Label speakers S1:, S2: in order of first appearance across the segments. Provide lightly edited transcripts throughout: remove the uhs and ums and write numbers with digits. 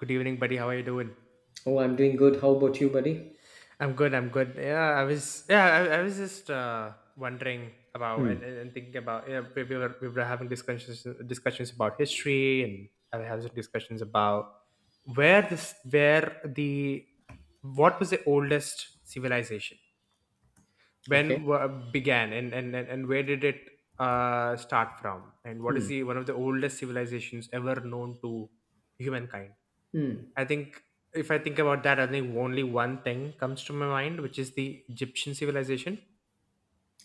S1: Good evening, buddy. How are you doing?
S2: Oh, I'm doing good. How about you, buddy?
S1: I'm good. I'm good. Yeah, I was. Yeah, I was just wondering about and,
S2: Hmm.
S1: and, and thinking about. Yeah, we were having discussions about history. And I was having discussions about where this where the what was the oldest civilization,
S2: Okay.
S1: began and where did it start from, and what is
S2: Hmm.
S1: the one of the oldest civilizations ever known to humankind.
S2: Hmm.
S1: I think if I think about that, I think only one thing comes to my mind, which is the Egyptian civilization.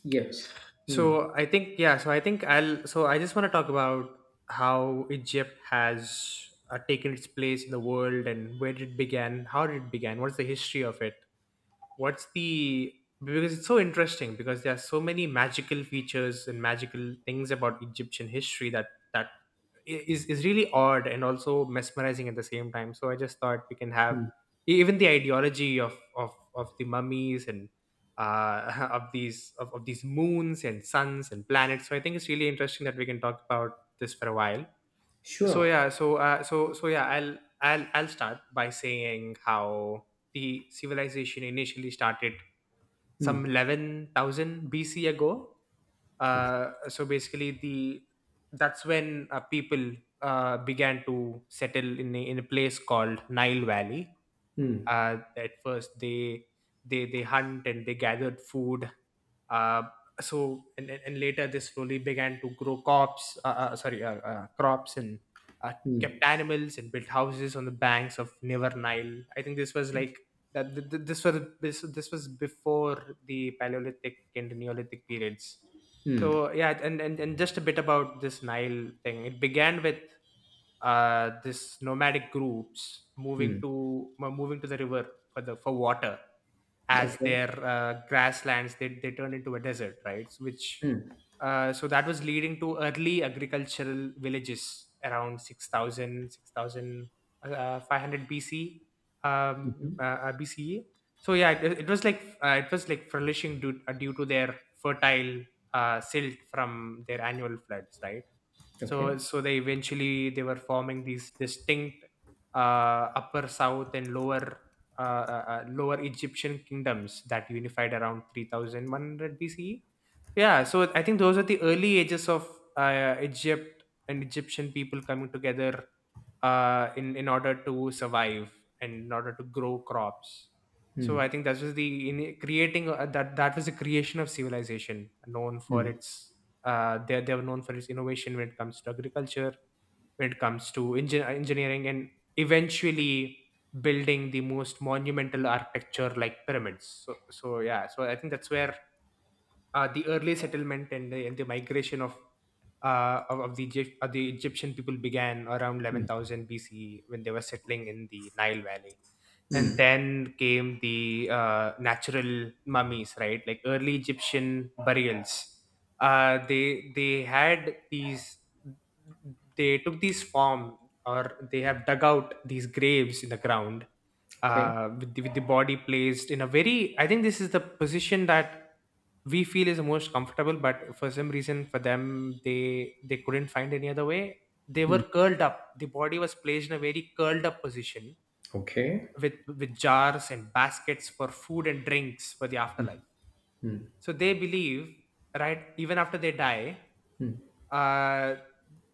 S2: Yes. Hmm.
S1: So I think, yeah. So I think I just want to talk about how Egypt has taken its place in the world and where it began, how did it began, what's the history of it, what's the because it's so interesting. Because there are so many magical features and magical things about Egyptian history that is really odd, and also mesmerizing at the same time. So I just thought we can have
S2: Hmm.
S1: even the ideology of the mummies and of these of these moons and suns and planets. So I think it's really interesting that we can talk about this for a while. so
S2: Sure.
S1: yeah so uh, so so yeah I'll start by saying how the civilization initially started some
S2: Hmm.
S1: 11,000 bc ago. So basically, the that's when people began to settle in a place called Nile Valley.
S2: Hmm.
S1: At first, they hunt and they gathered food. Uh, so and later they slowly began to grow crops, sorry crops, and uh, kept
S2: Hmm.
S1: animals and built houses on the banks of river Nile. I think this was like, that th- th- this was this, this was before the Paleolithic and the Neolithic periods.
S2: Hmm.
S1: So yeah, and just a bit about this Nile thing. It began with this nomadic groups
S2: Hmm.
S1: moving to the river for the for water, as
S2: Okay.
S1: their grasslands, they turned into a desert, right. So which
S2: Hmm.
S1: uh, so that was leading to early agricultural villages around 6,000, 6,500 bc
S2: Mhm.
S1: BCE. So yeah, it was like, it was like flourishing due to their fertile silt from their annual floods, right. so
S2: Okay.
S1: so they eventually, they were forming these distinct upper south and lower Egyptian kingdoms that unified around 3100 BCE. Yeah, so I think those are the early ages of Egypt and Egyptian people coming together in order to survive and in order to grow crops. So
S2: Hmm.
S1: I think that was the in creating that was the creation of civilization known for
S2: Hmm.
S1: its, they were known for its innovation when it comes to agriculture, when it comes to engineering, and eventually building the most monumental architecture, like pyramids. So, yeah, so I think that's where the early settlement and the migration of the Egyptian people began around
S2: Hmm.
S1: 11,000 BCE when they were settling in the Nile Valley. And
S2: Hmm.
S1: then came the natural mummies, right, like early Egyptian burials. uh, they they had these. They took these form, or they have dug out these graves in the ground,
S2: Okay.
S1: with the, with the body placed in a very, I think this is the position that we feel is the most comfortable, but for some reason for them, they, couldn't find any other way. They
S2: Hmm.
S1: were curled up. The body was placed in a very curled up position
S2: Okay.
S1: with jars and baskets for food and drinks for the afterlife.
S2: Hmm.
S1: So they believe, right, even after they die,
S2: Hmm.
S1: uh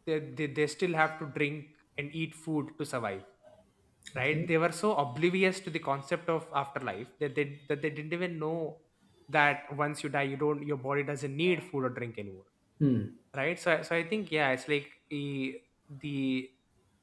S1: they still have to drink and eat food to survive, right.
S2: Okay.
S1: They were so oblivious to the concept of afterlife that they didn't even know that once you die, your body doesn't need food or drink anymore,
S2: Hmm.
S1: right. So I think, yeah, it's like the, the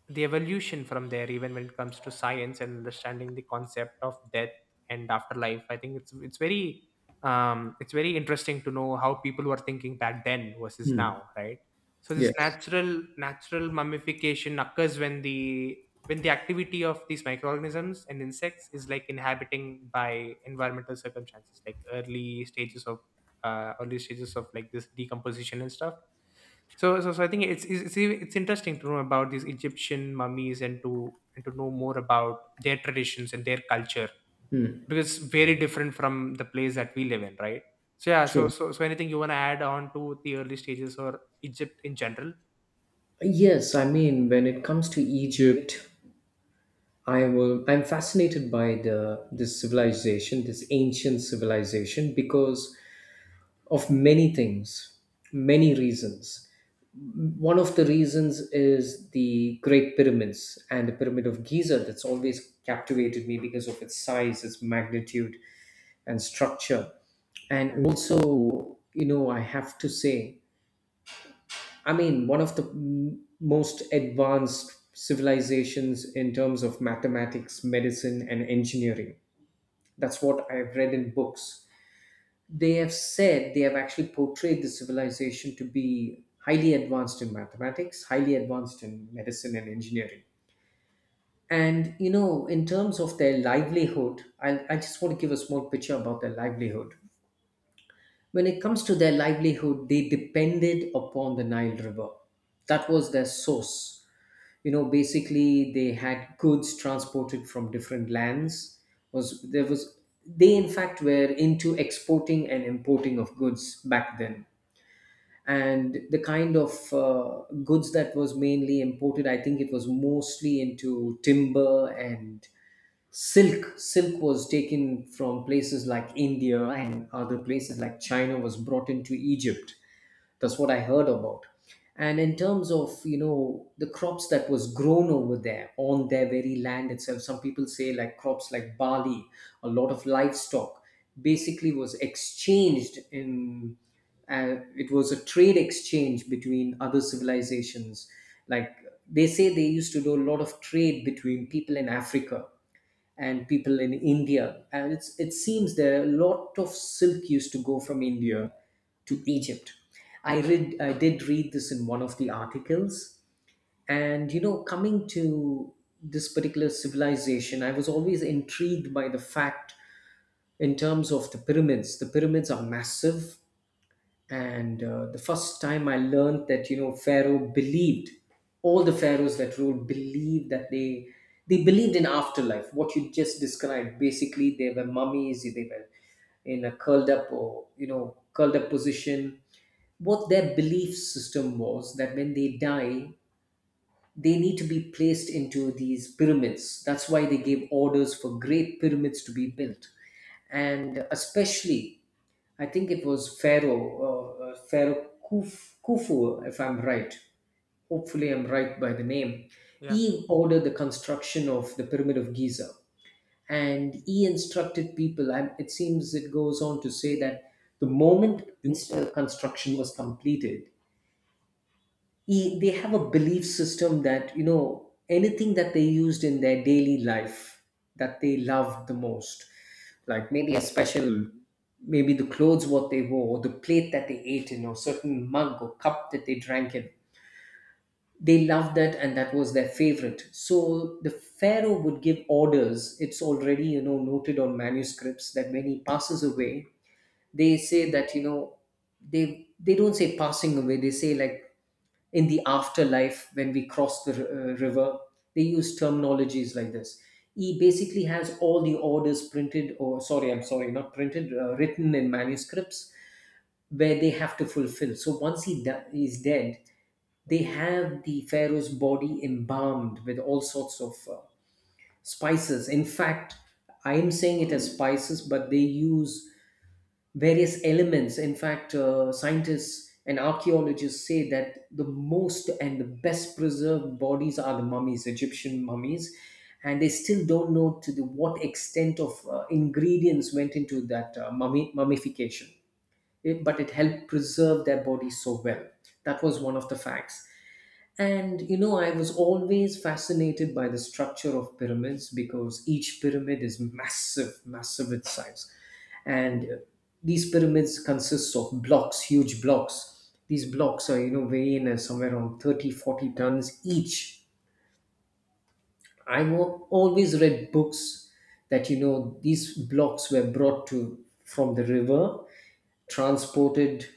S1: the evolution from there, even when it comes to science and understanding the concept of death and afterlife. I think it's, it's very interesting to know how people were thinking back then versus
S2: Hmm.
S1: now, right. So this
S2: Yes.
S1: natural mummification occurs when the activity of these microorganisms and insects is like inhabiting by environmental circumstances, like early stages of like this decomposition and stuff. So, I think it's interesting to know about these Egyptian mummies, and to know more about their traditions and their culture,
S2: Hmm.
S1: because it's very different from the place that we live in, right. So yeah, so
S2: True.
S1: so, so anything you want to add on to the early stages, or Egypt in general.
S2: Yes, when it comes to Egypt, I'm fascinated by the this civilization, this ancient civilization because of many things, many reasons. One of the reasons is the Great Pyramids and the Pyramid of Giza that's always captivated me because of its size, its magnitude, and structure. And also, I have to say, one of the most advanced civilizations in terms of mathematics, medicine, and engineering. That's what I've read in books. They have said, they have actually portrayed the civilization to be highly advanced in mathematics, highly advanced in medicine and engineering. And in terms of their livelihood, I just want to give a small picture about their livelihood. When it comes to their livelihood, they depended upon the Nile River. That was their source. Basically they had goods transported from different lands. Was there was They in fact were into exporting and importing of goods back then, and the kind of goods that was mainly imported, I think it was mostly into timber and silk. Was taken from places like India and other places like China, was brought into Egypt. That's what I heard about. And in terms of, the crops that was grown over there on their very land itself, some people say like crops like barley, a lot of livestock, basically was exchanged in. It was a trade exchange between other civilizations. Like, they say, they used to do a lot of trade between people in Africa and people in India. And it's, it seems there a lot of silk used to go from India to Egypt. I did read this in one of the articles. And coming to this particular civilization, I was always intrigued by the fact, in terms of the pyramids. The pyramids are massive. And the first time I learned that, pharaoh believed, all the pharaohs that ruled believed that they believed in afterlife. What you just described, basically they were mummies, they were in a curled up, or curled up position. What their belief system was that when they die, they need to be placed into these pyramids. That's why they gave orders for great pyramids to be built. And especially, I think it was Pharaoh, Pharaoh Khufu, if I'm right. Hopefully, I'm right by the name.
S1: Yeah.
S2: He ordered the construction of the Pyramid of Giza, and he instructed people, and it seems it goes on to say that the moment this construction was completed, they have a belief system that, anything that they used in their daily life that they loved the most, like maybe a special, maybe the clothes what they wore, or the plate that they ate in, or certain mug or cup that they drank in, they loved that and that was their favorite. So the pharaoh would give orders, it's already, noted on manuscripts, that when he passes away, they say that you know they don't say passing away, they say like, in the afterlife, when we cross the river. They use terminologies like this. He basically has all the orders printed, or sorry, I'm sorry, not printed, written in manuscripts, where they have to fulfill. So once he is dead, they have the pharaoh's body embalmed with all sorts of spices. In fact, I am saying it as spices, but they use various elements. In fact, scientists and archaeologists say that the most and the best preserved bodies are the mummies, Egyptian mummies, and they still don't know to the what extent of ingredients went into that mummy mummification. It, but it helped preserve their bodies so well. That was one of the facts. And I was always fascinated by the structure of pyramids because each pyramid is massive, massive in size. And these pyramids consist of blocks, huge blocks. These blocks are, weighing as somewhere around 30, 40 tons each. Always read books that, these blocks were brought to from the river, transported,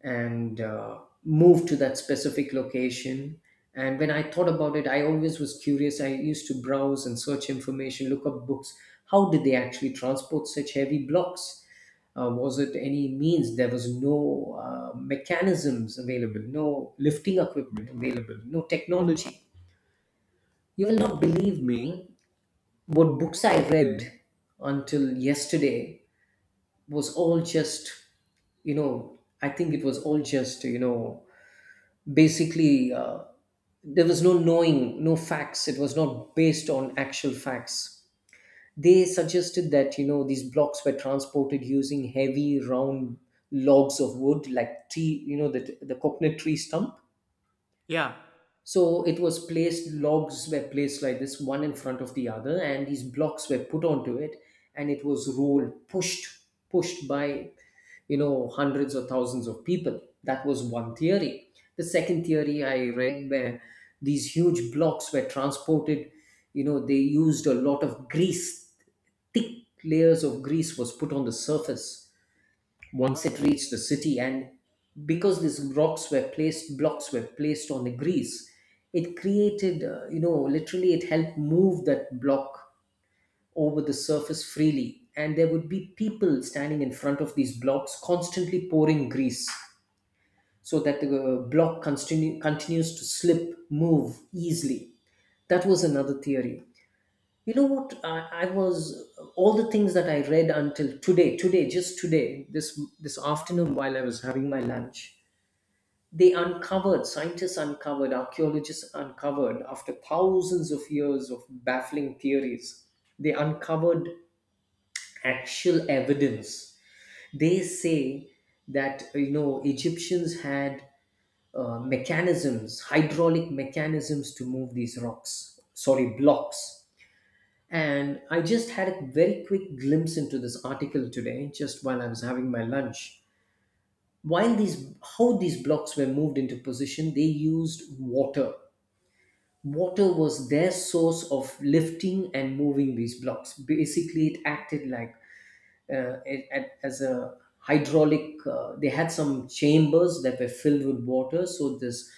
S2: and moved to that specific location. And when I thought about it, I always was curious. I used to browse and search information, look up books. How did they actually transport such heavy blocks? Was it any means? There was no mechanisms available, no lifting equipment available, no technology. You will not believe me what books I read until yesterday. Was all just, you know I think it was all just you know basically there was no knowing, no facts, it was not based on actual facts. They suggested that, these blocks were transported using heavy round logs of wood, like tree, the coconut tree stump.
S1: Yeah.
S2: So it was placed, logs were placed like this, one in front of the other, and these blocks were put onto it, and it was rolled, pushed, by, hundreds or thousands of people. That was one theory. The second theory I read, where these huge blocks were transported, they used a lot of grease, thick layers of grease was put on the surface once it reached the city, and because these rocks were placed, blocks were placed on the grease, it created, literally it helped move that block over the surface freely. And there would be people standing in front of these blocks, constantly pouring grease, so that the continues to slip, move easily. That was another theory. You know what? I was, all the things that I read until today, today, just today, this afternoon while I was having my lunch, they uncovered, scientists uncovered, archaeologists uncovered, after thousands of years of baffling theories, they uncovered actual evidence. They say that, Egyptians had mechanisms, hydraulic mechanisms to move these rocks, sorry, blocks, and I just had a very quick glimpse into this article today, just while I was having my lunch. While these, how these blocks were moved into position, they used water. Water was their source of lifting and moving these blocks. Basically, it acted like as a hydraulic. They had some chambers that were filled with water, so this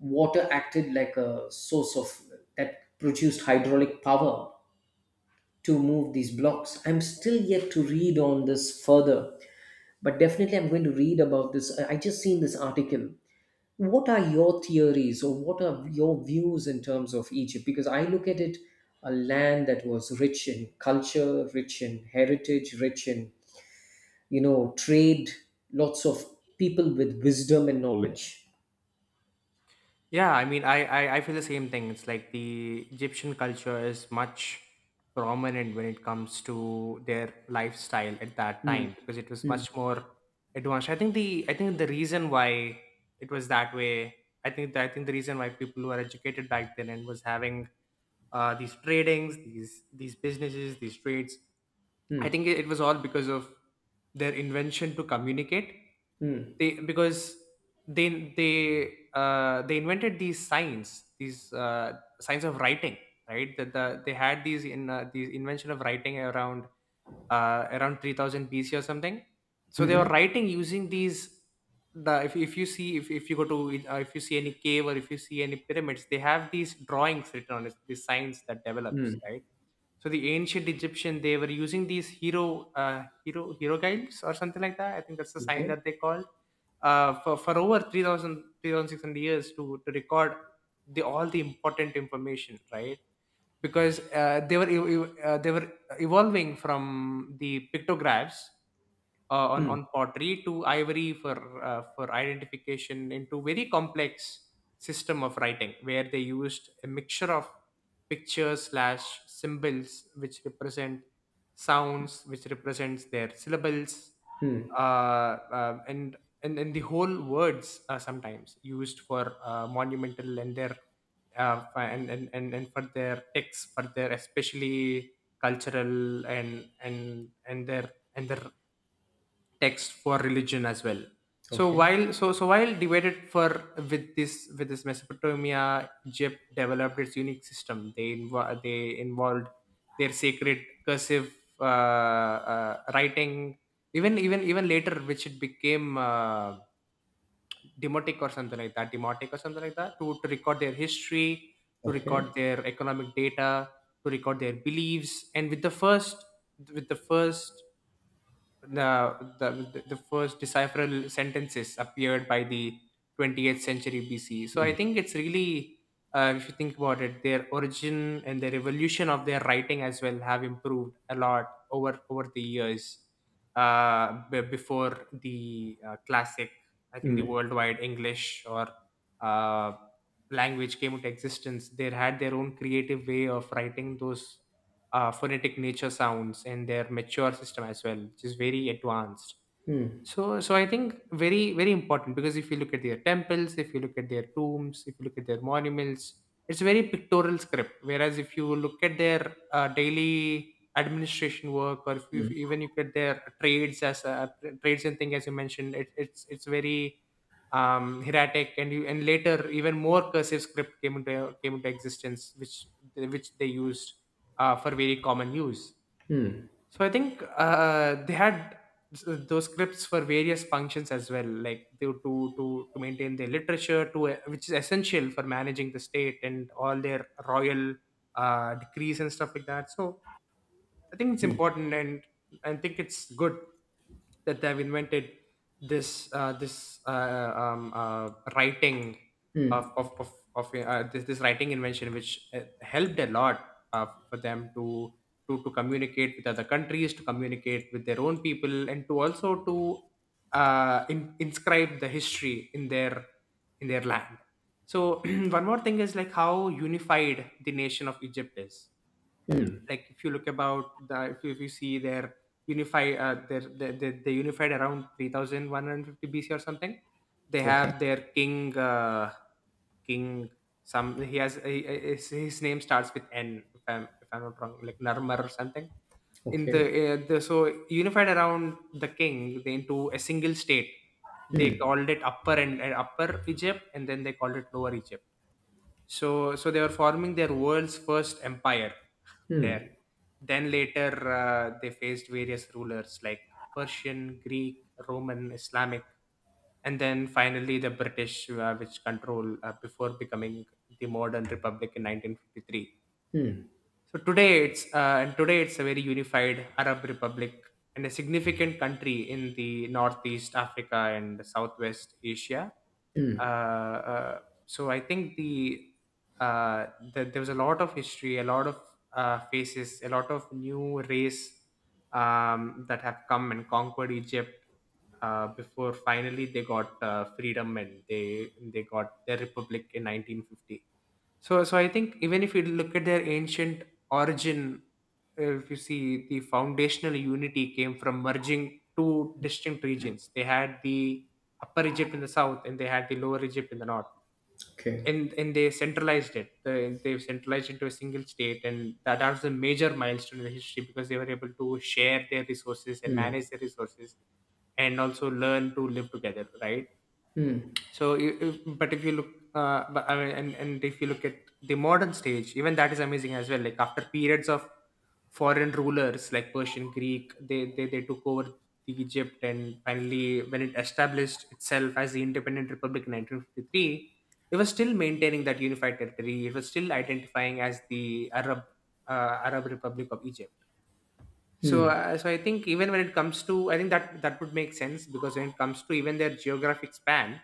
S2: water acted like a source of, that produced hydraulic power to move these blocks. I'm still yet to read on this further, but definitely I'm going to read about this. I just seen this article. What are your theories, or what are your views in terms of Egypt? Because I look at it, a land that was rich in culture, rich in heritage, rich in, trade, lots of people with wisdom and knowledge.
S1: Yeah, I mean, I feel the same thing. It's like the Egyptian culture is much prominent when it comes to their lifestyle at that
S2: Hmm,
S1: time, because it was
S2: hmm,
S1: much more advanced. I think the reason why it was that way, I think the reason why people who were educated back then and was having these tradings, these businesses, these trades.
S2: hmm,
S1: I think it was all because of their invention to communicate.
S2: hmm,
S1: They because they they they invented these signs of writing, right? They had these invention of writing around, around 3000 BC or something. So they were writing using these. The if, if you see, if you go to, if you see any cave, or if you see any pyramids, they have these drawings written on it, these signs that develops,
S2: hmm.
S1: right. So the ancient Egyptian, they were using these hero hero hieroglyphs or something like that. I think that's the sign
S2: Okay.
S1: that they called, for over 3600 years to record the all the important information, right. Because they were evolving from the pictographs on pottery to ivory for, for identification, into very complex system of writing where they used a mixture of pictures/symbols, which represent sounds, which represents their syllables.
S2: Hmm.
S1: Uh, uh, and and and the whole words, sometimes used for monumental and their, and for their texts, for their, especially, cultural, and their text for religion as well. So
S2: Okay.
S1: while, so so while divided for with this Mesopotamia, Egypt developed its unique system. They involved their sacred cursive, writing. Even later, which it became demotic or something like that, to record their history, to record
S2: Okay.
S1: their economic data, to record their beliefs. And with the first the the first decipherable sentences appeared by the 28th century BC. So I think it's really, if you think about it, their origin and the evolution of their writing as well have improved a lot over the years. Before the classic, I think the
S2: Hmm.
S1: worldwide English, or uh, language, came into existence. They had their own creative way of writing those phonetic nature sounds, and their mature system as well, which is very advanced.
S2: Hmm.
S1: So, I think very, very important, because if you look at their temples, if you look at their tombs, if you look at their monuments, it's very pictorial script. Whereas if you look at their daily administration work, or if even you get their trades as trades and thing, as you mentioned, it's very hieratic, and you and later, even more cursive script came into existence, which they used for very common use.
S2: Hmm.
S1: So I think they had those scripts for various functions as well, like to maintain their literature, to which is essential for managing the state and all their royal decrees and stuff like that. So I think it's important, and I think it's good that they've invented this this writing of this this writing invention, which helped a lot for them to communicate with other countries, to communicate with their own people, and to also inscribe the history in their, in their land. So one more thing is like how unified the nation of Egypt is.
S2: Hmm.
S1: Like if you look about the if you see their unify they unified around 3150 BC or something. They
S2: Okay.
S1: have their king, king some he has he- his name starts with N if I'm not wrong, like Narmar or something. In
S2: Okay.
S1: the so Unified around the king, they into a single state. They called it Upper and Upper Egypt, and then they called it Lower Egypt. So they were forming their world's first empire there. Then later, they faced various rulers like Persian, Greek, Roman, Islamic, and then finally the British, which control before becoming the modern republic in 1953.
S2: Hmm.
S1: So today it's a very unified Arab Republic and a significant country in the Northeast Africa and the Southwest Asia. Uh, uh, so I think uh, there was a lot of history, a lot of faces, a lot of new race that have come and conquered Egypt before finally they got freedom, and they got their republic in 1950. So I think even if you look at their ancient origin, if you see the foundational unity came from merging two distinct regions. They had the Upper Egypt in the south, and they had the Lower Egypt in the north,
S2: Okay.
S1: and they centralized it. They centralized into a single state, and that was a major milestone in the history, because they were able to share their resources and manage their resources, and also learn to live together, right?
S2: Hmm.
S1: So, I- if, but if you look, but, I mean, and if you look at the modern stage, even that is amazing as well. Like after periods of foreign rulers like Persian, Greek, they took over the Egypt, and finally when it established itself as the independent republic in 1953, it was still maintaining that unified territory. It was still identifying as the Arab Republic of Egypt. So I think even when it comes to, I think that that would make sense because when it comes to even their geographic span,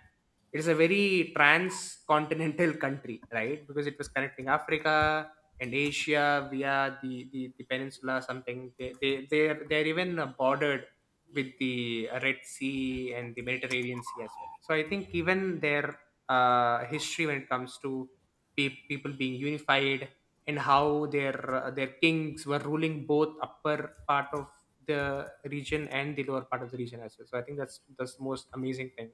S1: it is a very transcontinental country, right? Because it was connecting Africa and Asia via the peninsula, something. They're even bordered with the Red Sea and the Mediterranean Sea as well. So I think even their history, when it comes to people being unified, and how their kings were ruling both upper part of the region and the lower part of the region as well. So I think that's the most amazing thing.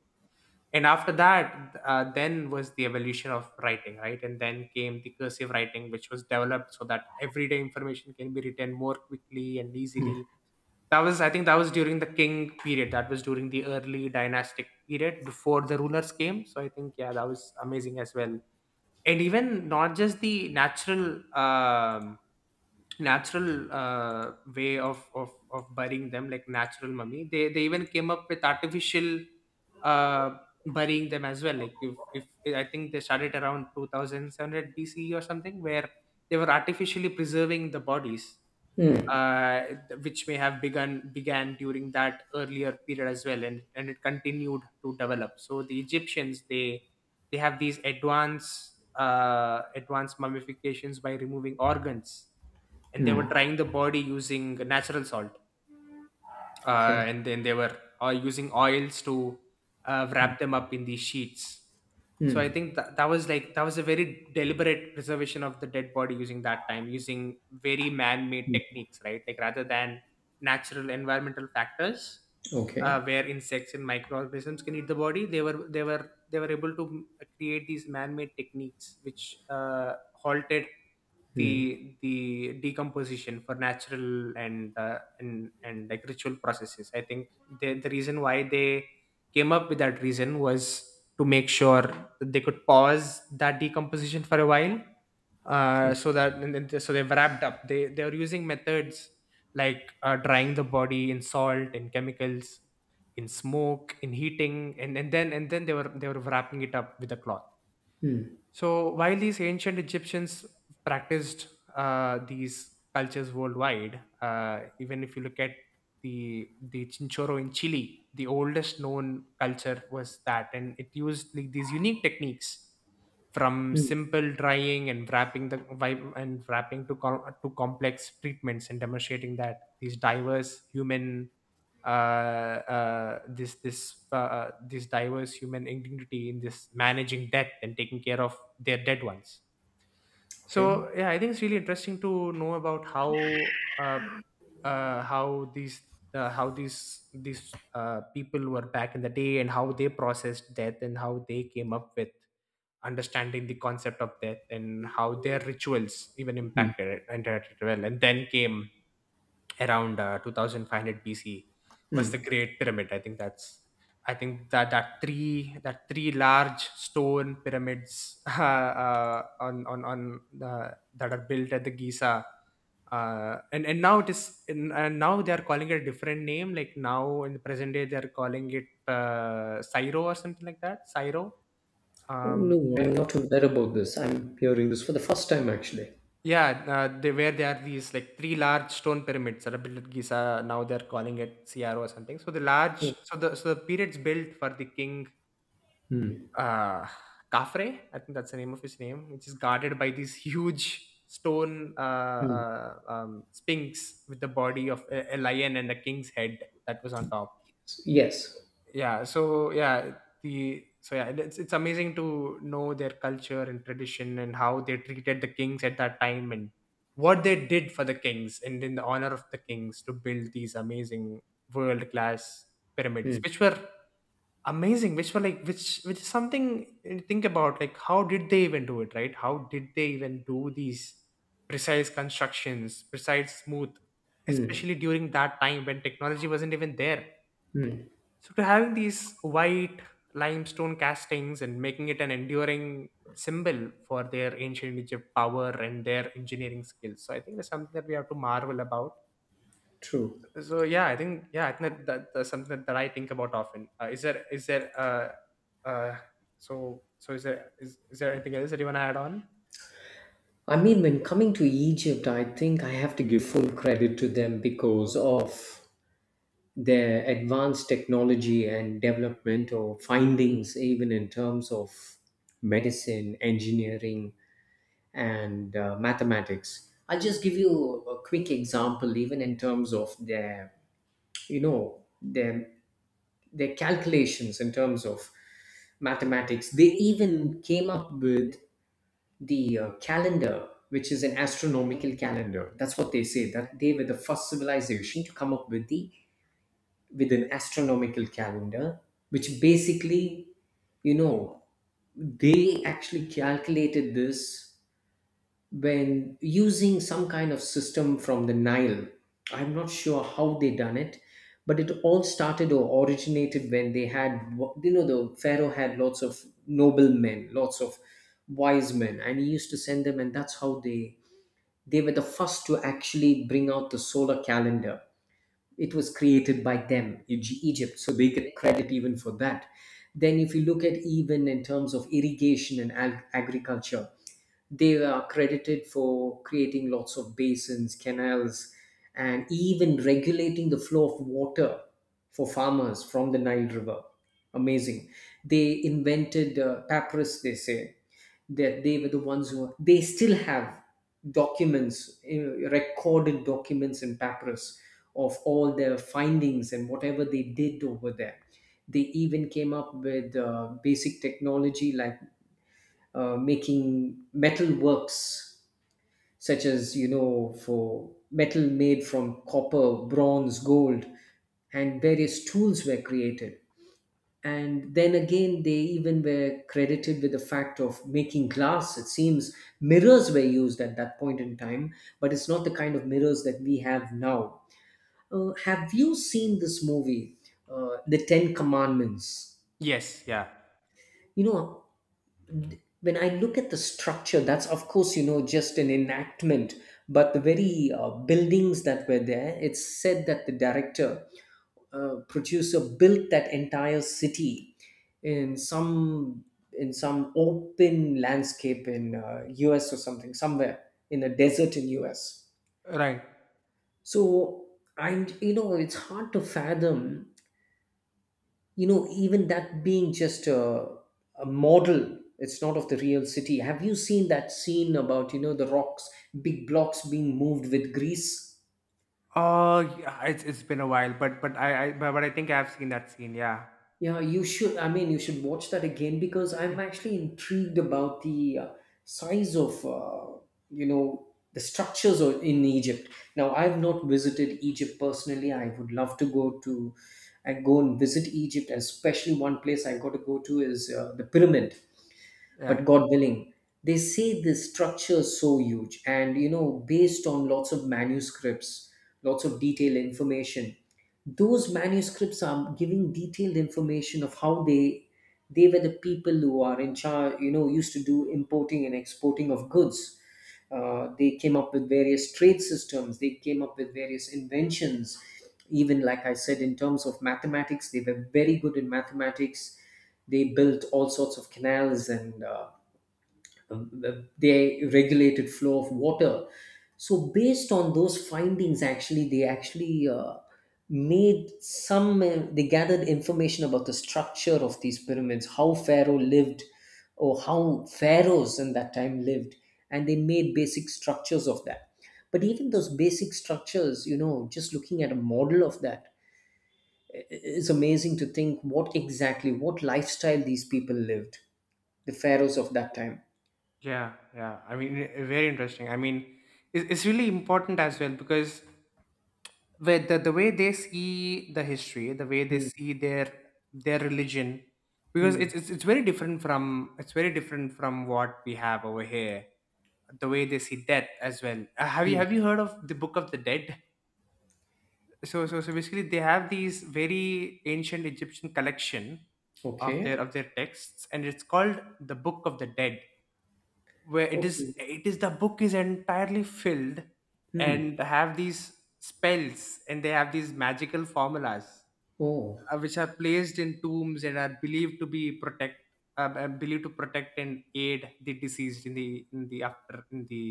S1: And after that, then was the evolution of writing, right? And then came the cursive writing, which was developed so that everyday information can be written more quickly and easily. That was, I think, that was during the king period. That was during the early dynastic period before the rulers came. So I think, yeah, that was amazing as well. And even not just the natural way of burying them, like natural mummy. They even came up with artificial, uh, burying them as well. Like if I think they started around 2700 BCE or something, where they were artificially preserving the bodies,
S2: Hmm.
S1: uh, which may have begun began during that earlier period as well. And it continued to develop. So the Egyptians, they have these advanced mummifications by removing organs, and they were drying the body using natural salt,
S2: Okay.
S1: and then they were using oils to wrap them up in these sheets. So I think that was, like, that was a very deliberate preservation of the dead body, using that time using very man-made techniques, right? Like, rather than natural environmental factors,
S2: Okay.
S1: where insects and microorganisms can eat the body. They were able to create these man-made techniques, which halted the decomposition, for natural and like ritual processes. I think the reason why they came up with that reason was to make sure that they could pause that decomposition for a while, so they've wrapped up. They are using methods like drying the body in salt, in chemicals, in smoke, in heating, and then they were wrapping it up with a cloth. So while these ancient Egyptians practiced, these cultures worldwide, even if you look at the Chinchorro in Chile, the oldest known culture was that, and it used, like, these unique techniques, from
S2: Hmm.
S1: simple drying and wrapping and wrapping to to complex treatments, and demonstrating that these diverse human this this this diverse human dignity in this managing death and taking care of their dead ones. So
S2: Okay.
S1: yeah, I think it's really interesting to know about uh, uh, how these how these people were back in the day, and how they processed death, and how they came up with understanding the concept of death, and how their rituals even impacted it and that it well. And then came around 2500 BC was the Great Pyramid. I think that three large stone pyramids that are built at the Giza. And now it is and Now they are calling it a different name. Like now in the present day they are calling it Syro or something like that. Syro.
S2: Oh
S1: um
S2: no, I'm not aware about this. I'm hearing this for the first time actually.
S1: Yeah, where there are these, like, three large stone pyramids that are built at Giza. Now they're calling it CRO or something. So the large,
S2: Oh.
S1: so the so the pyramids built for the king, uh, Khafre, I think that's the name of his name, which is guarded by these huge stone sphinx with the body of a lion and a king's head that was on top.
S2: Yes.
S1: Yeah so yeah the so yeah it's amazing to know their culture and tradition, and how they treated the kings at that time, and what they did for the kings, and in the honor of the kings, to build these amazing world class pyramids,
S2: Hmm.
S1: which were amazing, which were like, which is something, think about, like, how did they even do it? Right? How did they even do these precise constructions, precise smooth,
S2: Hmm.
S1: especially during that time when technology wasn't even there.
S2: Hmm.
S1: So to having these white limestone castings, and making it an enduring symbol for their ancient Egypt power and their engineering skills. So I think that's something that we have to marvel about.
S2: True.
S1: So yeah, I think that's something that, I think about often. Uh, is there uh so so is there anything else that you want to add on?
S2: I mean, when coming to Egypt, I think I have to give full credit to them because of their advanced technology and development or findings, even in terms of medicine, engineering, and mathematics. I'll just give you a quick example, even in terms of their, their calculations in terms of mathematics. They even came up with the calendar, which is an astronomical calendar. That's what they say, that they were the first civilization to come up with the with an astronomical calendar, which basically, you know, they actually calculated this when using some kind of system from the Nile. I'm not sure how they done it, but it all started or originated when they had, the Pharaoh had lots of noblemen, lots of wise men, and he used to send them, and that's how they were the first to actually bring out the solar calendar. It was created by them, Egypt, so they get credit even for that. Then, if you look at even in terms of irrigation and agriculture, they are credited for creating lots of basins, canals, and even regulating the flow of water for farmers from the Nile River. Amazing. They invented papyrus, they say, that they were the ones who, they still have documents, recorded documents in papyrus of all their findings and whatever they did over there. They even came up with basic technology, like making metal works, such as, for metal made from copper, bronze, gold, and various tools were created. And then again, they even were credited with the fact of making glass, it seems. Mirrors were used at that point in time, but it's not the kind of mirrors that we have now. Uh, have you seen this movie, The Ten Commandments?
S1: Yes, yeah.
S2: You know, when I look at the structure, that's of course, just an enactment. But the very buildings that were there, it's said that the director, producer, built that entire city in some, in some open landscape in US or something, somewhere in a desert in US.
S1: Right.
S2: So I, it's hard to fathom, even that being just a model, it's not of the real city. Have you seen that scene about, the rocks, big blocks being moved with grease?
S1: Oh, yeah, it's been a while, but I think I've seen that scene. Yeah.
S2: Yeah, you should. I mean, you should watch that again because
S1: Yeah.
S2: I'm actually intrigued about the size of you know the structures in Egypt. Now, I've not visited Egypt personally. I would love to go to, and go and visit Egypt, and especially one place I got to go to is the pyramid. But
S1: Yeah,
S2: God willing. They say this structure is so huge, and based on lots of manuscripts, lots of detailed information, those manuscripts are giving detailed information of how they were the people who are in charge, used to do importing and exporting of goods. Uh, they came up with various trade systems, they came up with various inventions. Even like I said, in terms of mathematics, they were very good in mathematics. They built all sorts of canals, and they regulated flow of water. So based on those findings, actually they actually made some they gathered information about the structure of these pyramids, how pharaoh lived, or how pharaohs in that time lived, and they made basic structures of that. But even those basic structures, just looking at a model of that, it's amazing to think what exactly, what lifestyle these people lived, the pharaohs of that time.
S1: yeah, yeah. I mean, very interesting. I mean, it's really important as well, because with the way they see the history, the way they
S2: Hmm,
S1: see their religion, because
S2: hmm,
S1: it's very different from, what we have over here. The way they see death as well. Uh, have you
S2: hmm.
S1: have you heard of the Book of the Dead? So basically they have these very ancient Egyptian collection of their
S2: Okay.
S1: of their texts, and it's called the Book of the Dead, where
S2: Okay.
S1: it is the book is entirely filled and
S2: Hmm.
S1: have these spells, and they have these magical formulas,
S2: Oh.
S1: which are placed in tombs and are believed to protect and aid the deceased in the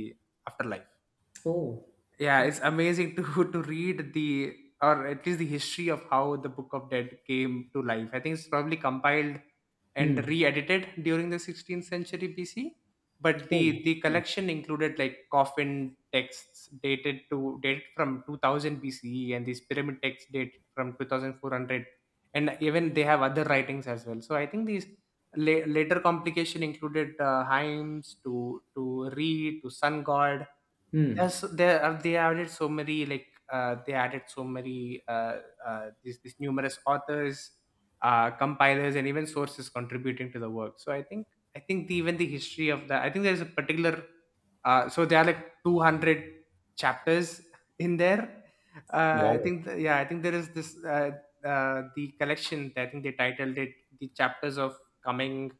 S1: afterlife.
S2: Oh.
S1: Yeah, it's
S2: Okay.
S1: amazing to to read the, or at least the history of how the Book of Dead came to life. I think it's probably compiled and
S2: Hmm.
S1: re-edited during the 16th century BC, but the
S2: Oh.
S1: the
S2: Okay.
S1: collection included, like, coffin texts dated from 2000 BCE, and these pyramid texts date from 2400, and even they have other writings as well. So I think these later complication included hymns to Re, to sun god.
S2: Hmm.
S1: There are, they added so many, like, they added so many these numerous authors, compilers, and even sources contributing to the work. So I think even the history of that, I think there's a particular, so there are like 200 chapters in there. I
S2: Wow.
S1: think yeah, I think there is this the collection that I think they titled it the chapters of coming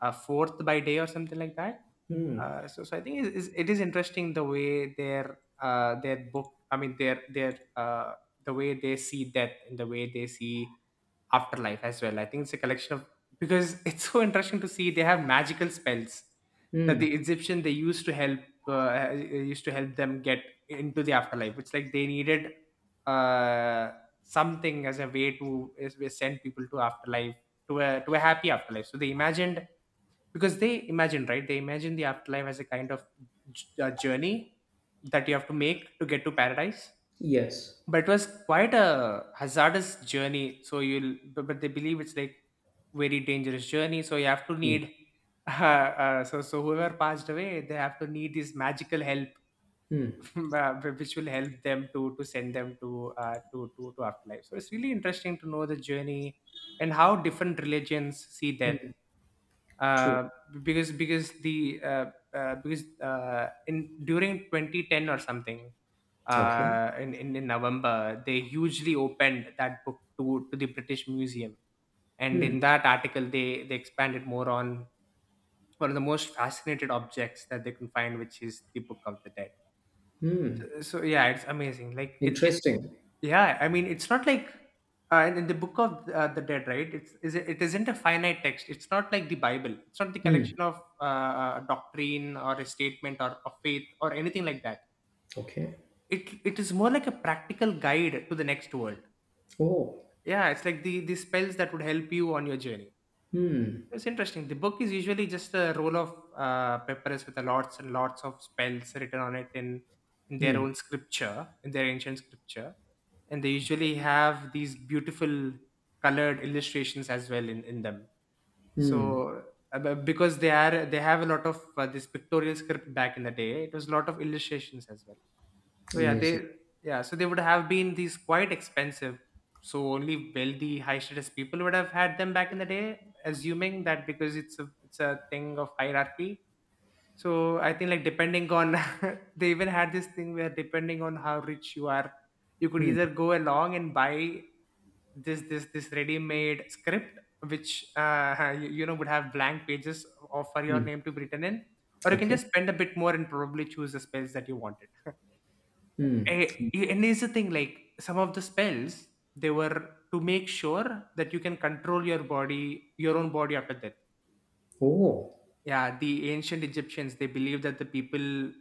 S1: fourth by day or something like that.
S2: Hmm.
S1: So I think it is interesting the way their book. I mean, the way they see death and the way they see afterlife as well. I think it's a collection of because it's so interesting to see they have magical spells that the
S2: Hmm.
S1: Egyptian they used to help them get into the afterlife. It's like they needed uh, something as a way to as we send people to afterlife to a happy afterlife. So they imagined because they imagine, right, they imagine the afterlife as a kind of journey that you have to make to get to paradise,
S2: Yes.
S1: but it was quite a hazardous journey so you'll but they believe it's like very dangerous journey so you have to
S2: Hmm.
S1: need. So whoever passed away they have to need this magical help.
S2: Hmm.
S1: uh, which will help them to send them to to afterlife. So it's really interesting to know the journey and how different religions see death.
S2: Hmm. True.
S1: uh, because the because in during 2010 or something,
S2: Okay.
S1: in November they hugely opened that book to the British Museum, and
S2: Hmm.
S1: in that article they expanded more on one of the most fascinated objects that they can find, which is the Book of the Dead. So yeah, it's amazing like it.
S2: Interesting.
S1: Yeah, I mean, it's not like in the book of the dead, right? It isn't a finite text, it's not like the Bible, it's not the collection of doctrine or a statement or of faith or anything like that.
S2: Okay.
S1: it it is more like a practical guide to the next world.
S2: Oh.
S1: Yeah, it's like the spells that would help you on your journey. It's interesting. The book is usually just a roll of papers with a lots and lots of spells written on it in their own scripture, in their ancient scripture, and they usually have these beautiful colored illustrations as well in them. So because they are they have a lot of this pictorial script back in the day, it was a lot of illustrations as well. So yeah, they.
S2: Amazing.
S1: Yeah, so they would have been these quite expensive. So only wealthy, high status people would have had them back in the day, assuming that because it's a thing of hierarchy. So I think like depending on they even had this thing where depending on how rich you are, you could
S2: Hmm.
S1: either go along and buy this this this ready-made script which you know would have blank pages of for your name to be written in, or you can
S2: Okay.
S1: just spend a bit more and probably choose the spells that you wanted. And here's the thing, like some of the spells, they were to make sure that you can control your body, your own body after death.
S2: Oh.
S1: Yeah, the ancient Egyptians they believed that the people,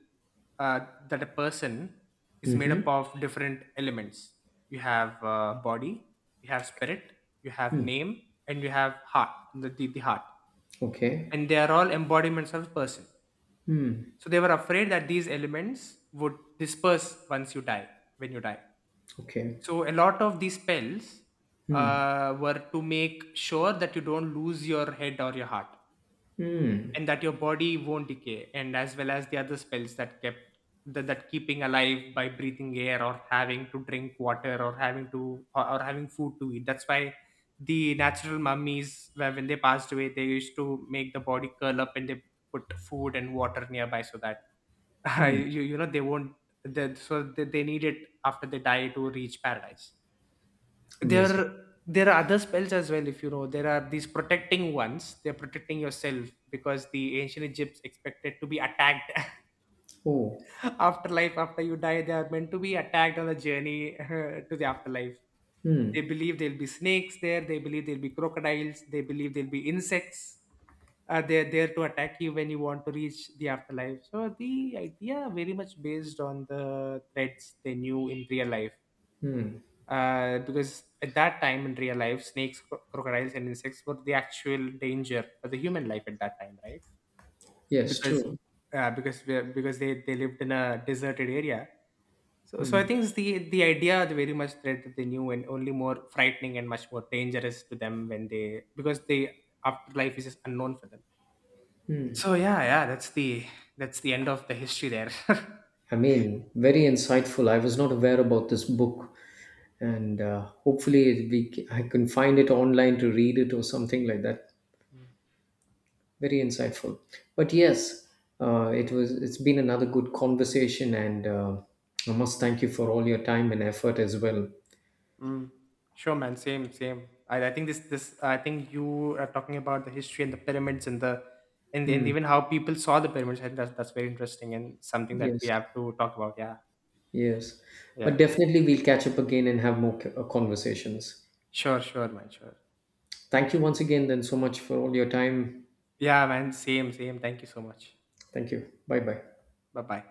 S1: uh, that a person is made up
S2: Mm-hmm.
S1: of different elements. You have body, you have spirit, you have name, and you have heart. The heart,
S2: Okay.
S1: and they are all embodiments of a person. So they were afraid that these elements would disperse once you die, when you die,
S2: Okay.
S1: so a lot of these spells were to make sure that you don't lose your head or your heart, and that your body won't decay, and as well as the other spells that kept that keeping alive by breathing air or having to drink water or having to or having food to eat. That's why the natural mummies, where when they passed away, they used to make the body curl up and they put food and water nearby so that you know they won't they need it after they die to reach paradise
S2: Amazing.
S1: there. There are other spells as well. If you know, there are these protecting ones, they're protecting yourself because the ancient egypts expected to be attacked.
S2: Oh.
S1: Afterlife, after you die, they are meant to be attacked on the journey to the afterlife. They
S2: Hmm.
S1: believe there'll be snakes there, they believe there'll be crocodiles, they believe there'll be insects. They're there to attack you when you want to reach the afterlife, so the idea very much based on the threats they knew in real life.
S2: Hmm.
S1: Because at that time in real life, snakes, crocodiles, and insects were the actual danger for the human life at that time, right?
S2: Yes.
S1: Because
S2: True.
S1: because we because they lived in a deserted area. So so I think it's the idea the very much threat that they knew and only more frightening and much more dangerous to them when they because they afterlife is just unknown for them. So yeah, yeah, that's the end of the history there.
S2: I mean, very insightful. I was not aware about this book, and hopefully I can find it online to read it or something like that. Very insightful. But yes, it was. It's been another good conversation, and I must thank you for all your time and effort as well.
S1: Mm. Sure, man. Same, same. I think this, this. I think you are talking about the history and the pyramids and the, and
S2: Hmm.
S1: even how people saw the pyramids. I think that's very interesting and something that we
S2: Yes.
S1: have to talk about. Yeah,
S2: Yes. But
S1: yeah.
S2: definitely we'll catch up again and have more conversations.
S1: Sure, sure, man. Sure.
S2: Thank you once again, then, so much for all your time.
S1: Yeah, man. Same, same. Thank you so much.
S2: Thank you. Bye bye.
S1: Bye, bye.